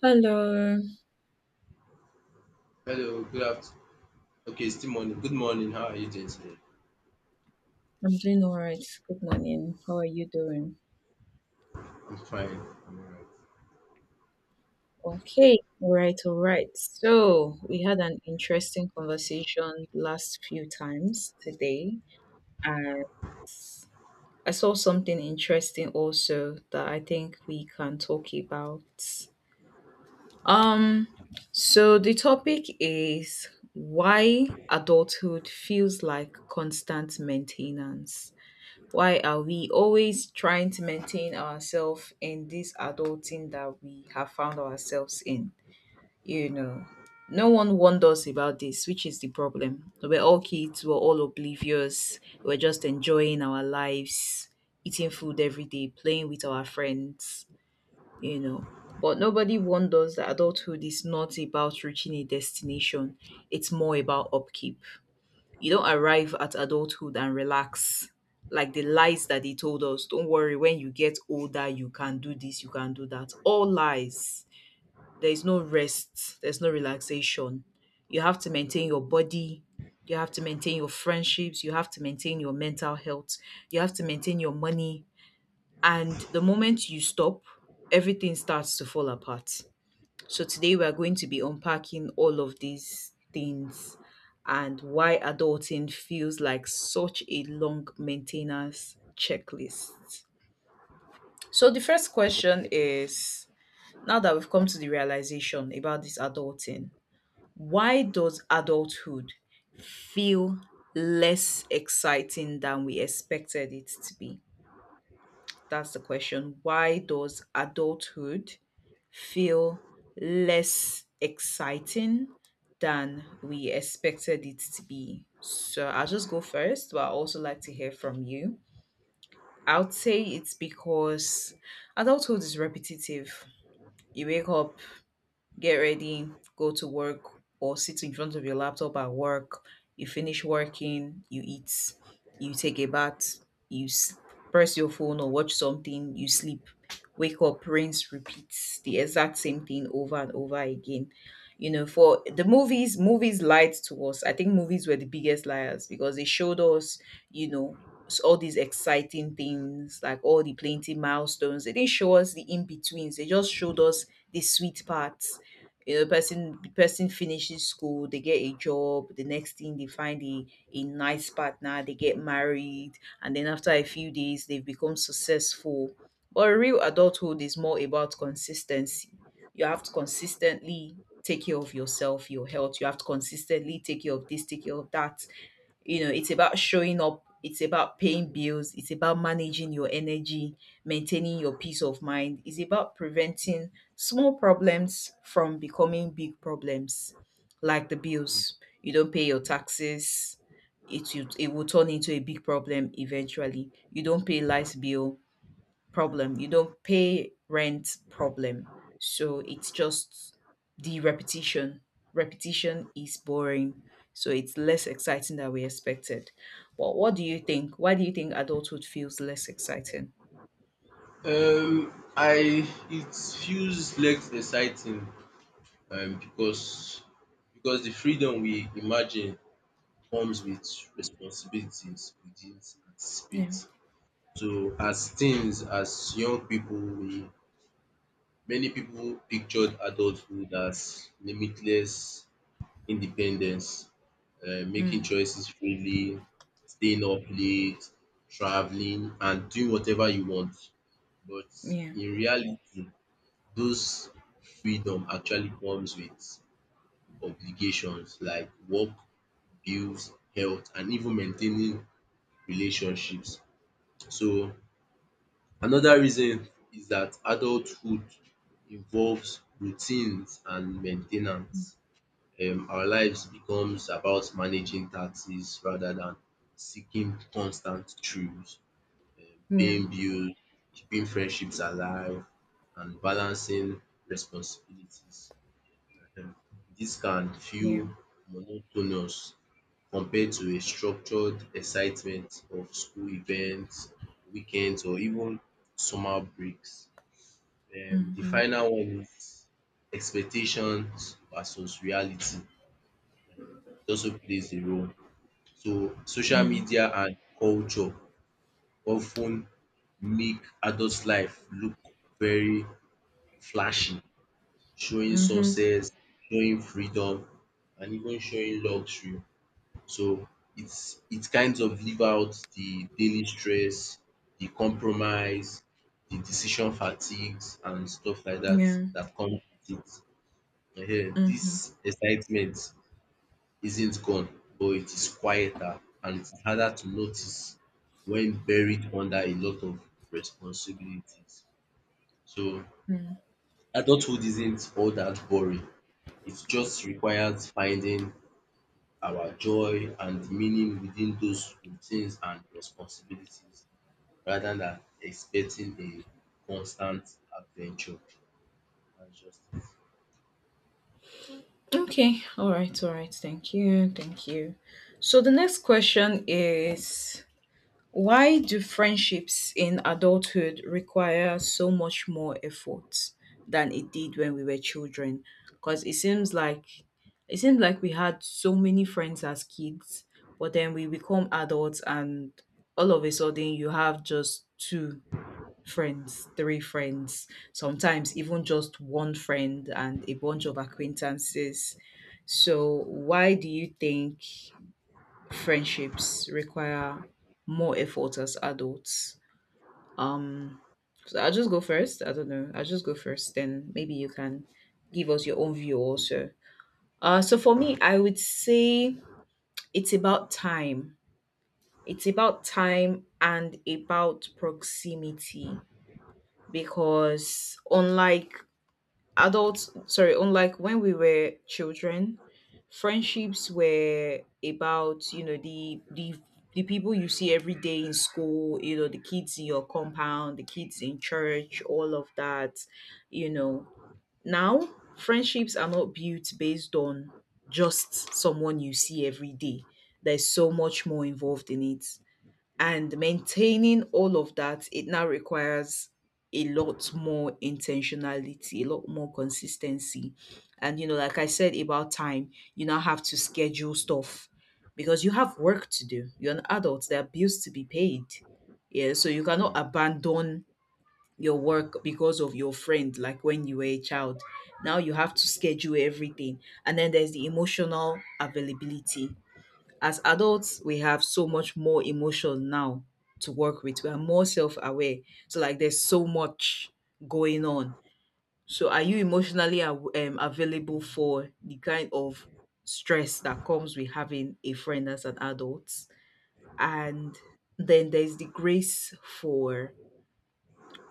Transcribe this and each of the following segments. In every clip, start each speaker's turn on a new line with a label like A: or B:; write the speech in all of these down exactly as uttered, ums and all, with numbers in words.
A: Hello,
B: Hello, good afternoon. Okay, it's still morning. Good morning. How are you doing today?
A: I'm doing all right. Good morning. How are you doing?
B: I'm fine. I'm
A: Okay, all right, all right. So, we had an interesting conversation last few times today, and I saw something interesting also that I think we can talk about. Um, so the topic is why adulthood feels like constant maintenance. Why are we always trying to maintain ourselves in this adulting that we have found ourselves in? You know, no one warned us about this, which is the problem. We We're all kids, we we're all oblivious, we we're just enjoying our lives, eating food every day, playing with our friends, you know. But nobody warned us that adulthood is not about reaching a destination, it's more about upkeep. You don't arrive at adulthood and relax. Like the lies that they told us, don't worry, when you get older, you can do this, you can do that. All lies. There is no rest, there's no relaxation. You have to maintain your body, you have to maintain your friendships, you have to maintain your mental health, you have to maintain your money. And the moment you stop, everything starts to fall apart. So today we are going to be unpacking all of these things and why adulting feels like such a long maintenance checklist. So the first question is, now that we've come to the realization about this adulting, why does adulthood feel less exciting than we expected it to be? That's the question. Why does adulthood feel less exciting than we expected it to be? So I'll just go first, but I also like to hear from you. I would say it's because adulthood is repetitive. You wake up, get ready, go to work, or sit in front of your laptop at work. You finish working, you eat, you take a bath, you s- press your phone or watch something, you sleep, wake up, rinse, repeat the exact same thing over and over again. You know, for the movies, movies lied to us. I think movies were the biggest liars because they showed us, you know, s- all these exciting things, like all the plenty milestones. They didn't show us the in betweens. They just showed us the sweet part. You know, person the person finishes school, they get a job, the next thing they find a, a nice partner, they get married, and then after a few days they've become successful. But real adulthood is more about consistency. You have to consistently take care of yourself, your health. You have to consistently take care of this, take care of that. You know, it's about showing up, it's about paying bills, it's about managing your energy, maintaining your peace of mind. It's about preventing small problems from becoming big problems. Like the bills, you don't pay your taxes, it, will- it will turn into a big problem eventually. You don't pay light bill, problem. You don't pay rent, problem. So it's just the repetition. Repetition is boring. So it's less exciting than we expected. But what do you think? Why do you think adulthood feels less exciting?
B: alright. Um, I it feels less exciting um because because the freedom we imagine comes with responsibilities we didn't
A: Yeah.
B: anticipate. So as teens, as young people, we many people pictured adulthood as limitless independence, um making
A: Mm.
B: choices freely, staying up late, traveling and doing whatever you want. But
A: Yeah.
B: in reality, those freedom actually comes with obligations like work, bills, health and even maintaining relationships. So another reason is that adulthood involves routines and maintenance. Um our lives becomes about managing taxes rather than seeking constant truths, um
A: Yeah.
B: paying bills, keeping friendships alive and balancing responsibilities. um Dis can feel
A: Yeah.
B: monotonous compared to a structured excitement of school events, weekends or even summer breaks. um The
A: Mm-hmm.
B: final one is expectations versus reality also plays a role. So social
A: Yeah.
B: media and culture often make adult life look very flashy, showing
A: Mm-hmm.
B: success, showing freedom and even showing luxury. So it's it kind of leave out the daily stress, the compromise, the decision fatigues and stuff like that
A: Yeah.
B: that come with it. Ehen,
A: Mm-hmm.
B: dis excitement isn't gone, but it is quieter and it's harder to notice when buried under a lot of responsibilities. So
A: Mm.
B: adulthood isn't all that boring. It just requires finding our joy and meaning within those routines and responsibilities rather than expecting a constant adventure. That's just it.
A: Okay. All right. All right. Thank you. Thank you. So the next question is, why do friendships in adulthood require so much more effort than it did when we were children? Because it seems like, it seems like we had so many friends as kids, but then we become adults and all of a sudden you have just two friends, three friends, sometimes even just one friend and a bunch of acquaintances. So why do you think friendships require more effort as adults? Um, so I'll just go first. I don't know. I'll just go first. Then maybe you can give us your own view also. Uh, so for me, I would say it's about time. It's about time and about proximity because unlike adults, sorry, unlike when we were children, friendships were about, you know, the the the people you see every day in school, you know, the kids in your compound, the kids in church, all of that, you know. Now friendships are not built based on just someone you see every day. There's so much more involved in it, and maintaining all of that, it now requires a lot more intentionality, a lot more consistency. And, you know, like I said about time, you now have to schedule stuff because you have work to do. You're an adult, there are bills to be paid. Yeah. So you cannot abandon your work because of your friend, like when you were a child. Now you have to schedule everything. And then there's the emotional availability. As adults, we have so much more emotion now to work with. We are more self aware. So, like, there's so much going on. So, are you emotionally aw- um, available for the kind of stress that comes with having a friend as an adult? And then there's the grace for,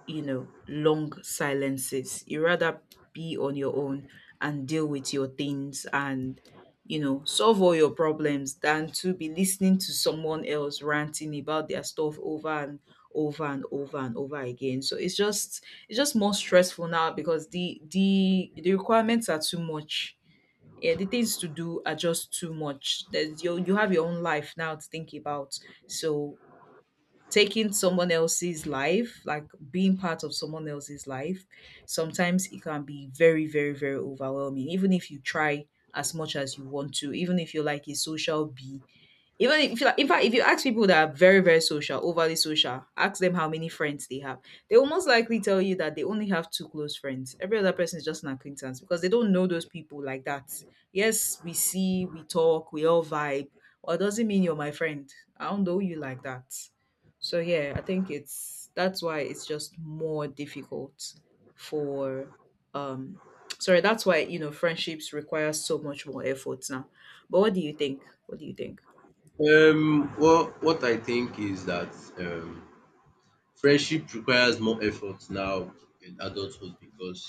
A: you know, long silences. You rather be on your own and deal with your things and, you know, solve all your problems than to be listening to someone else ranting about their stuff over and over and over and over again. So it's just, it's just more stressful now because the the the requirements are too much. Yeah, the things to do are just too much. There's You, you have your own life now to think about. So taking someone else's life, like being part of someone else's life, sometimes it can be very, very, very overwhelming. Even if you try as much as you want to, even if you're like a social bee, even if you, in fact, if you ask people that are very, very social, overly social, ask them how many friends they have, they will most likely tell you that they only have two close friends. Every other person is just an acquaintance because they don't know those people like that. Yes, we see, we talk, we all vibe, or it doesn't mean you're my friend. I don't know you like that. So yeah, I think it's, that's why it's just more difficult for um sorry, that's why, you know, friendships require so much more effort now. But what do you think? What do you think?
B: Um, well, what I think is that um, friendship requires more effort now in adulthood because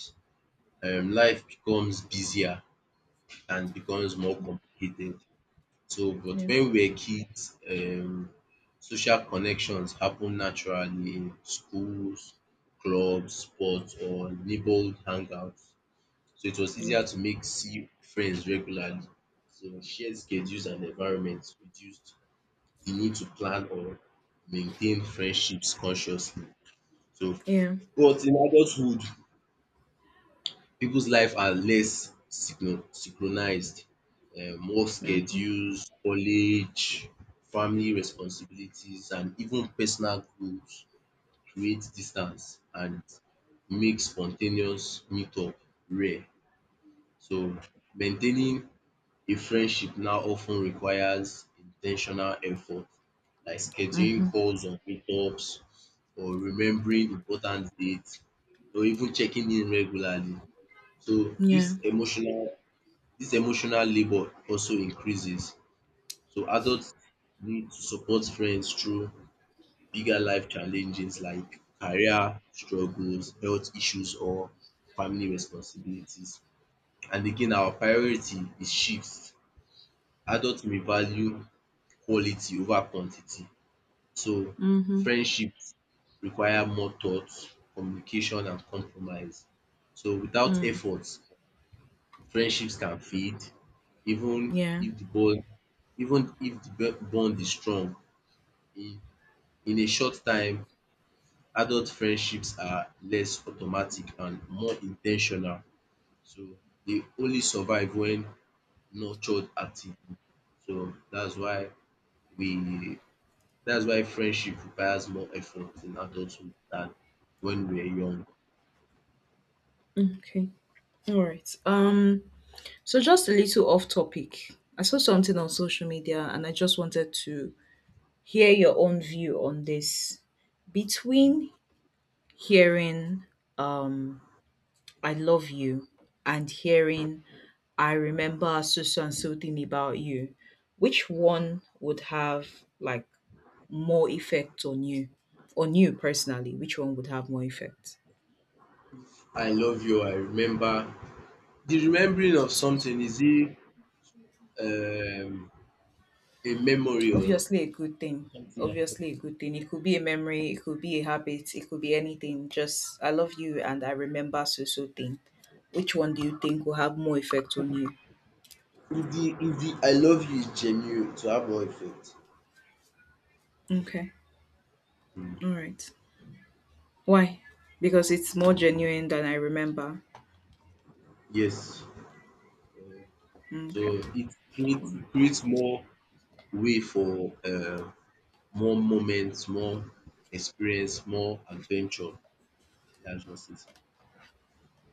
B: um life becomes busier and becomes more complicated. So but when we were kids um social connections happen naturally in schools, clubs, sports or neighborhood hangouts. So it was
A: Yeah.
B: easier to make see friends regularly. So shared schedules and environments reduced the need to plan or maintain friendships consciously. So,
A: Yeah.
B: but in adulthood, people's life are less synchro- synchronized. Um, work
A: Mm-hmm.
B: schedules, college, family responsibilities, and even personal goals create distance and make spontaneous meetup rare. So, maintaining a friendship now often requires intentional effort, like scheduling
A: Mm-hmm.
B: calls or meetups, or remembering important dates, or even checking in regularly. So
A: Yeah.
B: this emotional this emotional labor also increases. So adults need to support friends through bigger life challenges like career struggles, health issues, or family responsibilities. And again, our priority is shifts. Adults may value quality over quantity. So
A: Mm-hmm.
B: friendships require more thought, communication and compromise. So without
A: Mm.
B: effort, friendships can fade even
A: Yeah.
B: if the bond even if the bo- bond is strong. In in a short time, adult friendships are less automatic and more intentional. So they only survive when nurtured actively. So that's why we That's why friendship requires more effort in adulthood than when we were young.
A: Okay. All right. Um. So just a little off topic. I saw something on social media, and I just wanted to hear your own view on this. Between hearing um "I love you" and hearing "I remember so so and so thing about you," which one would have, like, more effect on you, on you personally? Which one would have more effect?
B: I love you, I remember. The remembering of
A: So, so
B: something is it um a memory or
A: obviously a good thing. Obviously a good thing. It could be a memory, it could be a habit, it could be anything. Just I love you and I remember so so thing. Which one do you think will have more effect on you?
B: if the if the I love you is genuine to have more effect.
A: Okay.
B: Mm,
A: All right. Why? Because it's more genuine than I remember?
B: yes.
A: Okay.
B: So it creates creates more way for uh, more moments, more experience, more adventure. That's just it.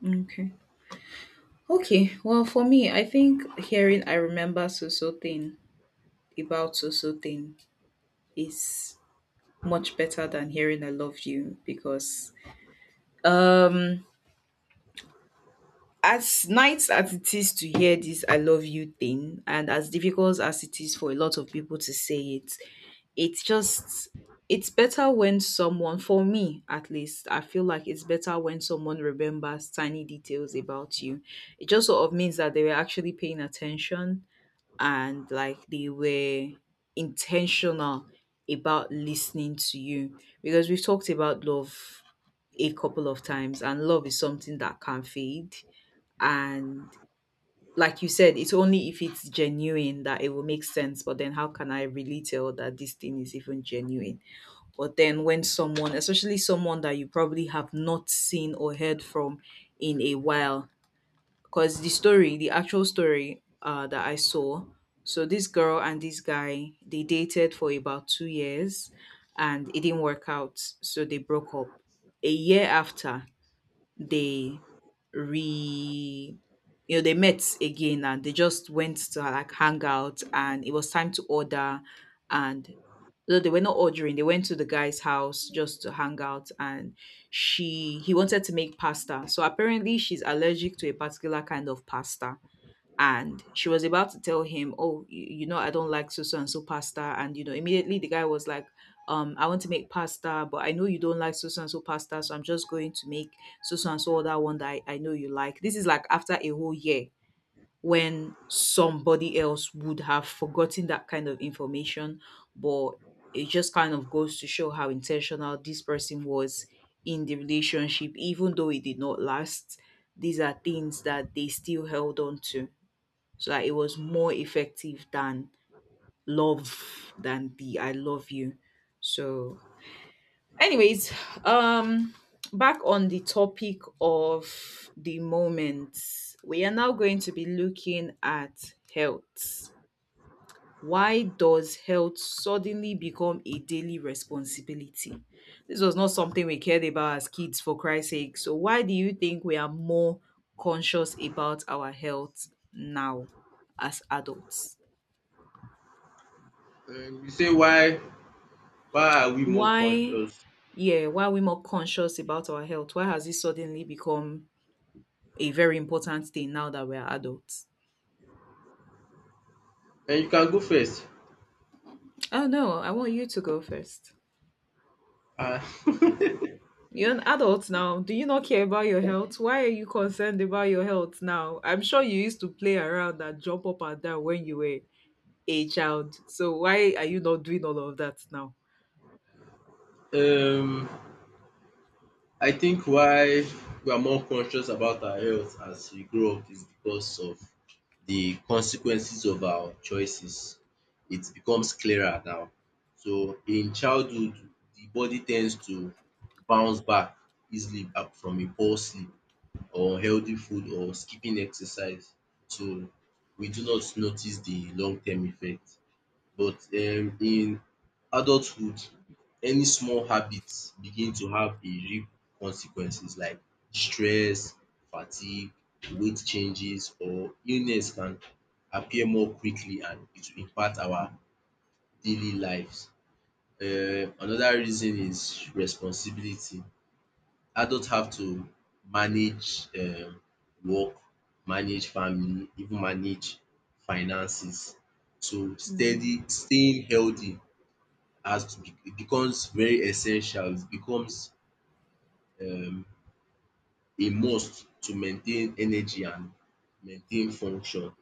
A: Okay. Okay, well for me, I think hearing I remember so so thing about so so thing is much better than hearing I love you because, um, as nice as it is to hear this I love you thing and as difficult as it is for a lot of people to say it, it's just, it's better when someone, for me at least, I feel like it's better when someone remembers tiny details about you. It just sort of means that they were actually paying attention and like they were intentional about listening to you because we've talked about love a couple of times, and love is something that can fade, and like you said, it's only if it's genuine that it will make sense, but then how can I really tell that this thing is even genuine? But then when someone, especially someone that you probably have not seen or heard from in a while, because the story, the actual story, uh, that I saw, so this girl and this guy, they dated for about two years and it didn't work out. So they broke up. A year after, they re you know they met again and they just went to like hang out, and it was time to order. And no, they were not ordering, they went to the guy's house just to hang out. And she he wanted to make pasta, so apparently she's allergic to a particular kind of pasta, and she was about to tell him, oh, y- you know, I don't like so so and so pasta. And you know immediately the guy was like, um I want to make pasta, but I know you don't like so so and so pasta, so I'm just going to make so so and so other one that I, I know you like. This is like after a whole year, when somebody else would have forgotten that kind of information. But it just kind of goes to show how intentional this person was in the relationship. Even though it did not last, these are things that they still held on to, so that it was more effective than love, than the I love you. So, anyways, um, back on the topic of the moment, we are now going to be looking at health. Why does health suddenly become a daily responsibility? This was not something we cared about as kids, for Christ's sake. So, why do you think we are more conscious about our health now as adults?
B: Um, you say why why are we more
A: Why
B: conscious?
A: yeah, why are we more conscious about our health? Why has it suddenly become a very important thing now that we're adults?
B: And you can go first.
A: Oh no, I want you to go first.
B: Uh,
A: You're an adult now. Do you not care about your health? Why are you concerned about your health now? I'm sure you used to play around and jump up and down when you were a child. So why are you not doing all of that now?
B: um, I think why we are more conscious about our health as we grow up is because of the consequences of our choices. It becomes clearer now. So in childhood, the body tends to bounce back easily up from a poor sleep or healthy food or skipping exercise. So we do not notice the long-term effect. But um in adulthood, any small habits begin to have a real consequences like stress, fatigue, weight changes or illness can appear more quickly and it will impact our daily lives. Um, another reason is responsibility. Adult have to manage um work, manage family, even manage finances. So
A: Hmm.
B: steady staying healthy has to be it becomes very essential, it becomes um a must to maintain energy and maintain function.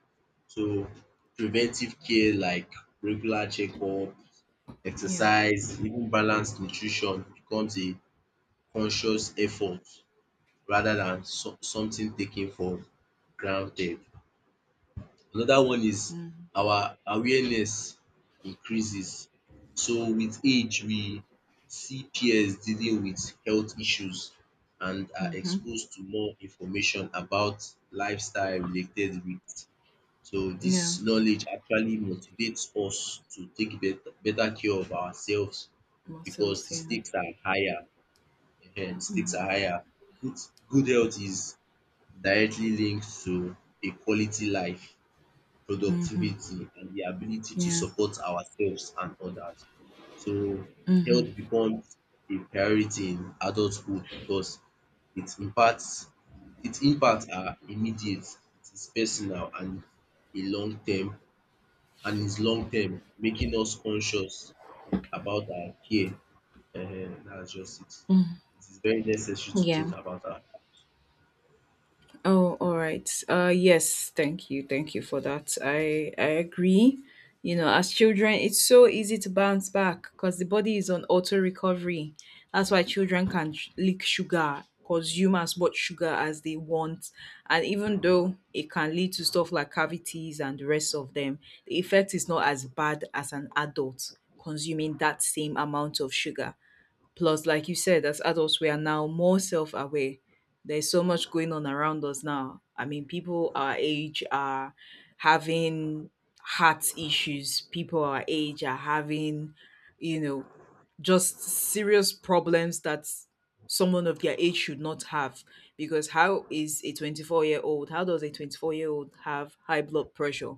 B: So preventive care like regular checkup,
A: Yeah.
B: exercise, even balanced nutrition becomes a conscious effort rather than some something taken for granted. Another one is
A: Mm-hmm.
B: our awareness increases. So with age we see peers dealing with health issues and are
A: Mm-hmm.
B: exposed to more information about lifestyle related risk. So
A: Yeah.
B: this knowledge actually motivates us to take better better care of ourselves because
A: Muscles.
B: the
A: Yeah.
B: stakes are higher. Ehen, the stakes are higher. Good Good health is directly linked to a quality life
A: Mm-hmm.
B: productivity, and the ability to
A: Yeah.
B: support ourselves and others. So health
A: Mm-hmm.
B: becomes a priority in adulthood because it impacts its impacts are immediate, it is personal and a long term and is long term, making us conscious about our care. Um that's just it. It is very necessary to think
A: Yeah.
B: about that.
A: Oh, all right. Uh, yes, thank you. Thank you for that. I I agree. You know, as children, it's so easy to bounce back because the body is on auto recovery. That's why children can sh- lick sugar, consume as much sugar as they want, and even though it can lead to stuff like cavities and the rest of them, the effect is not as bad as an adult consuming that same amount of sugar. Plus, like you said, as adults, we are now more self aware. There's so much going on around us now. I mean, people our age are having heart issues, people our age are having, you know, just serious problems that someone of their age should not have. Because how is a twenty-four year old, how does a twenty-four year old have high blood pressure?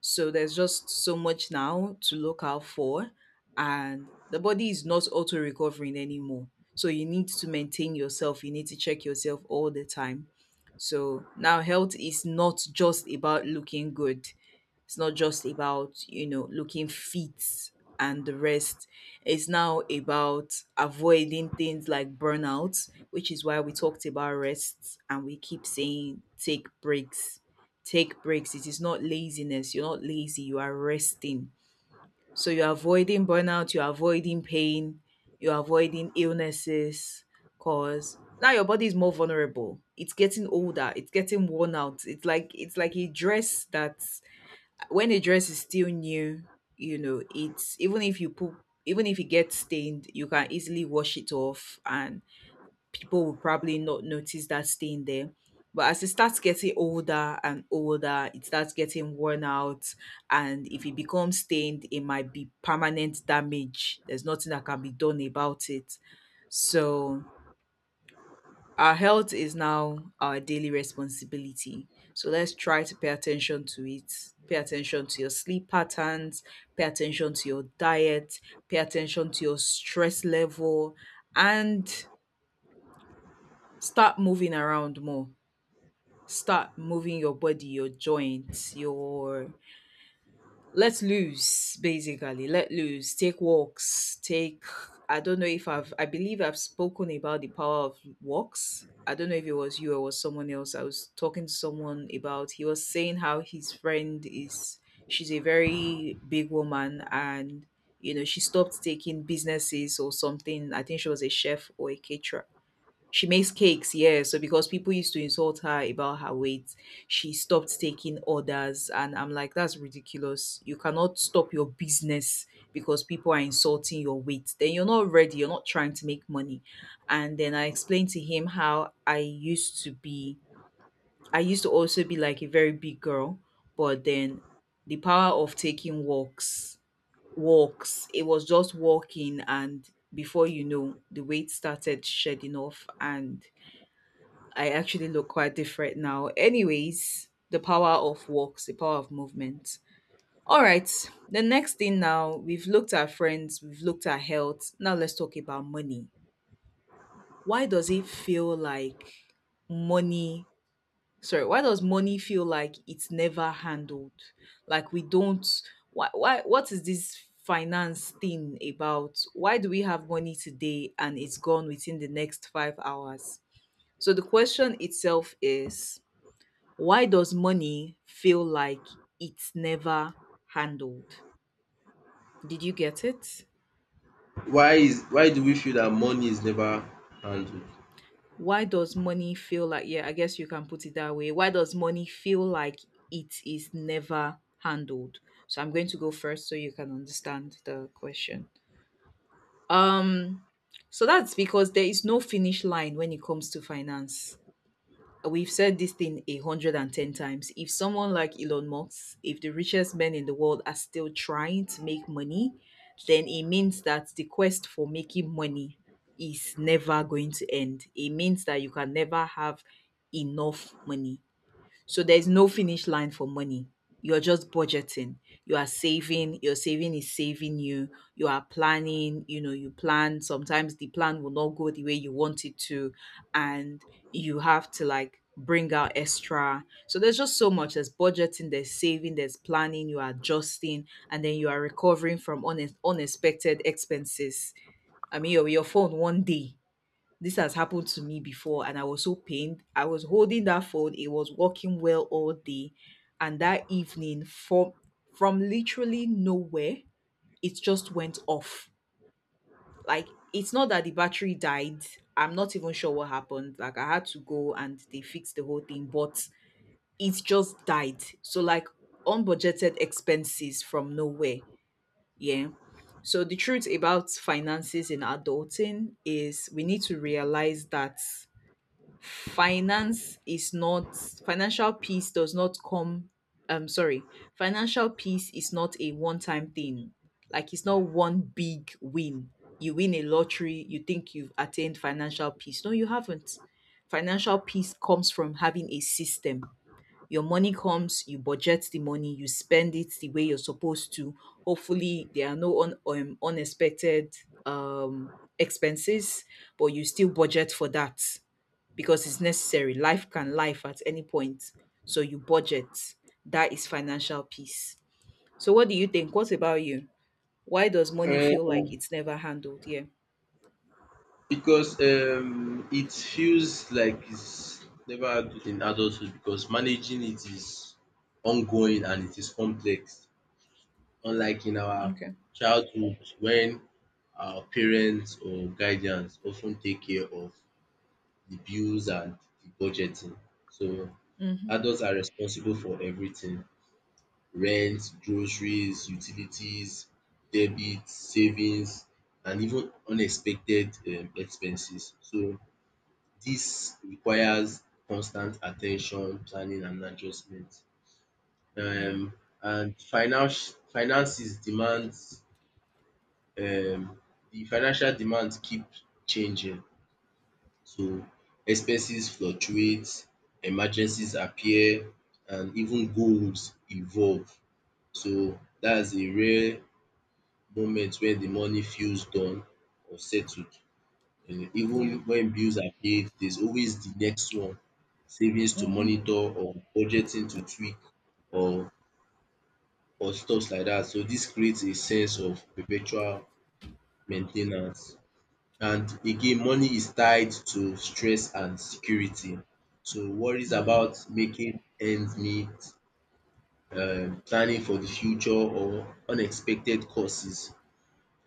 A: So there's just so much now to look out for, and the body is not auto recovering anymore. So you need to maintain yourself, you need to check yourself all the time. So now health is not just about looking good, it's not just about, you know, looking fit and the rest. It's now about avoiding things like burnout, which is why we talked about rest, and we keep saying take breaks, take breaks. It is not laziness. You're not lazy. You are resting. So you're avoiding burnout. You're avoiding pain. You're avoiding illnesses. Cause now your body is more vulnerable. It's getting older. It's getting worn out. It's like it's like a dress, that when a dress is still new, you know, it's even if you put even if it gets stained, you can easily wash it off and people will probably not notice that stain there. But as it starts getting older and older, it starts getting worn out. And if it becomes stained, it might be permanent damage. There's nothing that can be done about it. So, our health is now our daily responsibility. So, let's try to pay attention to it. Pay attention to your sleep patterns, pay attention to your diet, pay attention to your stress level, and start moving around more, start moving your body, your joints, your let loose basically. Let loose. Take walks. Take I don't know if I've I believe I've spoken about the power of walks. I don't know if it was you or was someone else. I was talking to someone about he was saying how his friend is she's a very big woman, and you know she stopped taking businesses or something. I think she was a chef or a caterer, she makes cakes, yeah. So because people used to insult her about her weight, she stopped taking orders. And I'm like, that's ridiculous. You cannot stop your business because people are insulting your weight. Then you're not ready, you're not trying to make money. And then I explained to him how I used to be, I used to also be like a very big girl, but then the power of taking walks, walks, it was just walking, and before you know, the weight started shedding off, and I actually look quite different now. Anyways, the power of walks, the power of movement. All right, the next thing now, we've looked at friends, we've looked at health. Now let's talk about money. Why does it feel like money? Sorry, why does money feel like it's never handled? Like we don't, why why what is this finance thing about? Why do we have money today and it's gone within the next five hours? So the question itself is, why does money feel like it's never handled? Did you get it?
B: Why is why do we feel that money is never handled?
A: Why does money feel like, yeah, I guess you can put it that way. Why does money feel like it is never handled? So I'm going to go first so you can understand the question. Um, so that's because there is no finish line when it comes to finance. We've said this thing a hundred and ten times. If someone like Elon Musk, if the richest men in the world are still trying to make money, then it means that the quest for making money is never going to end. It means that you can never have enough money. So there's no finish line for money. You're just budgeting. You are saving. Your saving is saving you. You are planning. You know, you plan. Sometimes the plan will not go the way you want it to. And you have to like bring out extra. So there's just so much. There's budgeting, there's saving, there's planning, you are adjusting, and then you are recovering from une- unexpected expenses. I mean, your, your phone one day, this has happened to me before and I was so pained. I was holding that phone, it was working well all day. And that evening, from from literally nowhere, it just went off. Like it's not that the battery died. I'm not even sure what happened. Like I had to go and they fixed the whole thing, but it just died. So like unbudgeted expenses from nowhere. Yeah. So the truth about finances in adulting is we need to realize that finance is not, financial peace does not come, um sorry, financial peace is not a one time thing, like it's not one big win. You win a lottery, you think you've attained financial peace. No, you haven't. Financial peace comes from having a system. Your money comes, you budget the money, you spend it the way you're supposed to. Hopefully, there are no un- um, unexpected um, expenses, but you still budget for that because it's necessary. Life can life at any point. So you budget. That is financial peace. So what do you think? What about you? Why does money feel like
B: Um
A: it's never handled? Yeah.
B: Because um it feels like it's never handled in adulthood because managing it is ongoing and it is complex. Unlike in our
A: Okay.
B: childhood when our parents or guardians often take care of the bills and the budgeting. So
A: Mm-hmm.
B: adults are responsible for everything: rent, groceries, utilities, debit, savings and even unexpected um expenses. So this requires constant attention, planning and adjustment.
A: Yeah.
B: Um, and finance finances demands um, the financial demands keep changing. So expenses fluctuate, emergencies appear, and even goals evolve. So that's a rare moment when the money feels done or settled. Um even
A: Yeah.
B: when bills are paid, there's always the next one. Savings to
A: Mm-hmm.
B: monitor or budgeting to tweak or or stuffs like that. So this creates a sense of perpetual maintenance. And again, money is tied to stress and security. So worries
A: Mm.
B: about making ends meet, um planning for the future or unexpected costs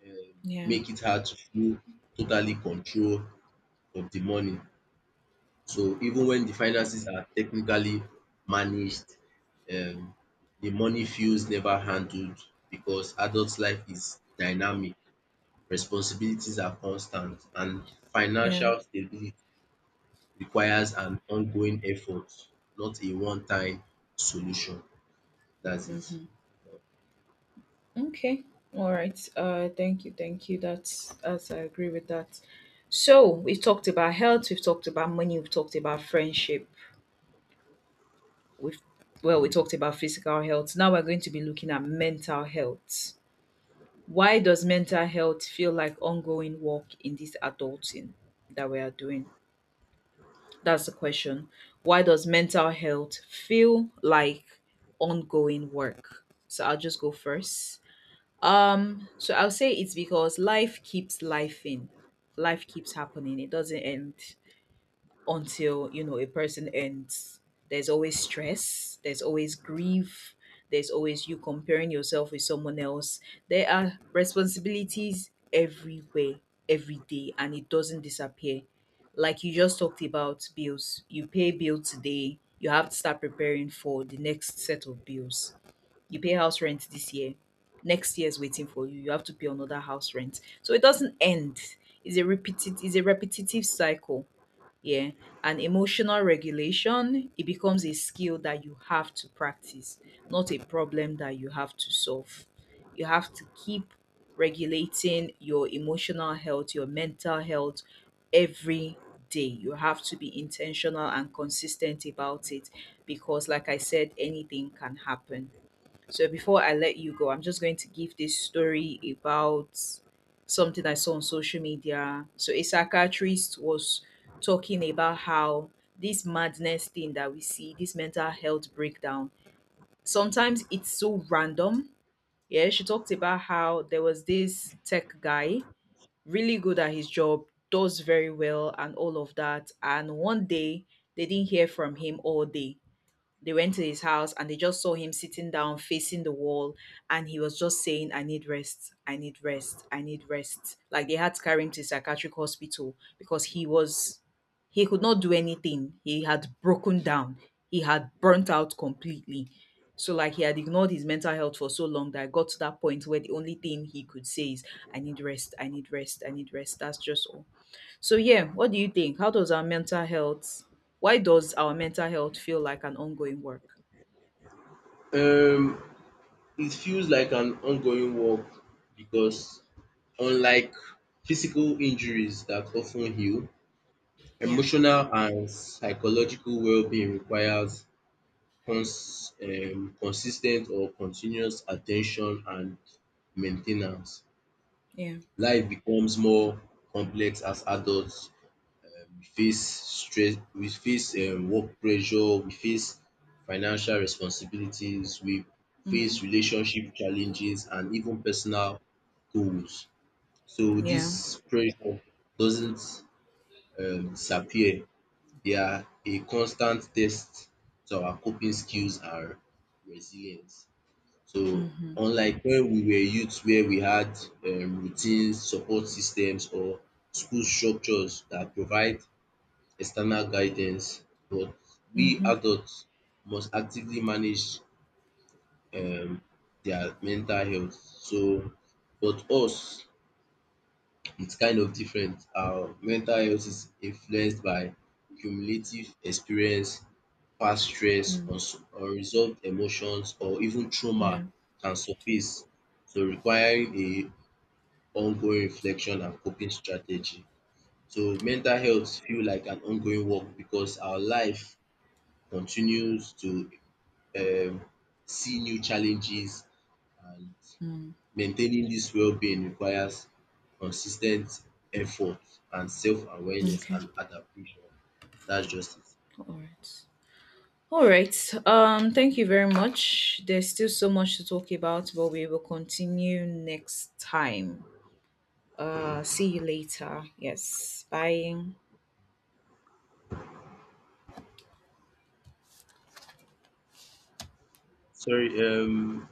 B: um
A: Yeah.
B: make it hard to feel totally control of the money. So even when the finances are technically managed, um, the money feels never handled because adult life is dynamic, responsibilities are constant, and
A: Yeah.
B: financial stability requires an ongoing effort, not a one-time solution. That's it.
A: Okay. All right. Uh, thank you. Thank you. That's, that's, I agree with that. So we've talked about health, we've talked about money, we've talked about friendship, we've, well, we
B: Mm.
A: talked about physical health. Now we're going to be looking at mental health. Why does mental health feel like ongoing work in this adulting that we are doing? That's the question. Why does mental health feel like ongoing work? So I'll just go first. Um, so I'll say it's because life keeps life in. Life keeps happening. It doesn't end until, you know, a person ends. There's always stress, there's always grief, there's always you comparing yourself with someone else. There are responsibilities everywhere, every day, and it doesn't disappear. Like you just talked about bills. You pay bill today, you have to start preparing for the next set of bills. You pay house rent this year, next year is waiting for you, you have to pay another house rent. So it doesn't end. It's a repeated, it's a repetitive cycle. Yeah. And emotional regulation, it becomes a skill that you have to practice, not a problem that you have to solve. You have to keep regulating your emotional health, your mental health, every day. You have to be intentional and consistent about it, because like I said, anything can happen. So before I let you go, I'm just going to give this story about something I saw on social media. So a psychiatrist was talking about how this madness thing that we see, this mental health breakdown, sometimes it's so random. Yeah, she talked about how there was this tech guy, really good at his job, does very well and all of that. And one day they didn't hear from him all day. They went to his house and they just saw him sitting down facing the wall, and he was just saying, I need rest, I need rest, I need rest. Like they had to carry him to a psychiatric hospital because he was he could not do anything. He had broken down. He had burnt out completely. So like he had ignored his mental health for so long that I got to that point where the only thing he could say is, I need rest, I need rest, I need rest. That's just all. So yeah, what do you think? How does our mental health why does our mental health feel like an ongoing work?
B: Um, it feels like an ongoing work because unlike physical injuries that often heal,
A: Yeah.
B: emotional and psychological well-being requires cons um consis or continuous attention and maintenance.
A: Yeah.
B: Life becomes more complex as adults. We face stress, we face um work pressure, we face financial responsibilities, we
A: Mhm.
B: face relationship challenges and even personal goals. So
A: Yeah.
B: this pressure doesn't um disappear. They are a constant test to our coping skills and resilience. So
A: Mhm.
B: unlike when we were youth where we had um routines, support systems or school structures that provide external guidance, but we
A: Mhm.
B: adults must actively manage um their mental health. So but us it's kind of different. Our mental health is influenced by cumulative experience past stress,
A: Mm.
B: uns- unresolved emotions or even trauma
A: Yeah.
B: can surface, so requiring a ongoing reflection and coping strategy. So mental health feel like an ongoing work because our life continues to um see new challenges and
A: Mm.
B: maintaining this well-being requires consistent effort and self-awareness
A: Okay.
B: and adaptation. That's just
A: All right. All right. Um thank you very much. There's still so much to talk about, but we will continue next time. Uh
B: it.
A: see you later. Yes. Bye.
B: Sorry, um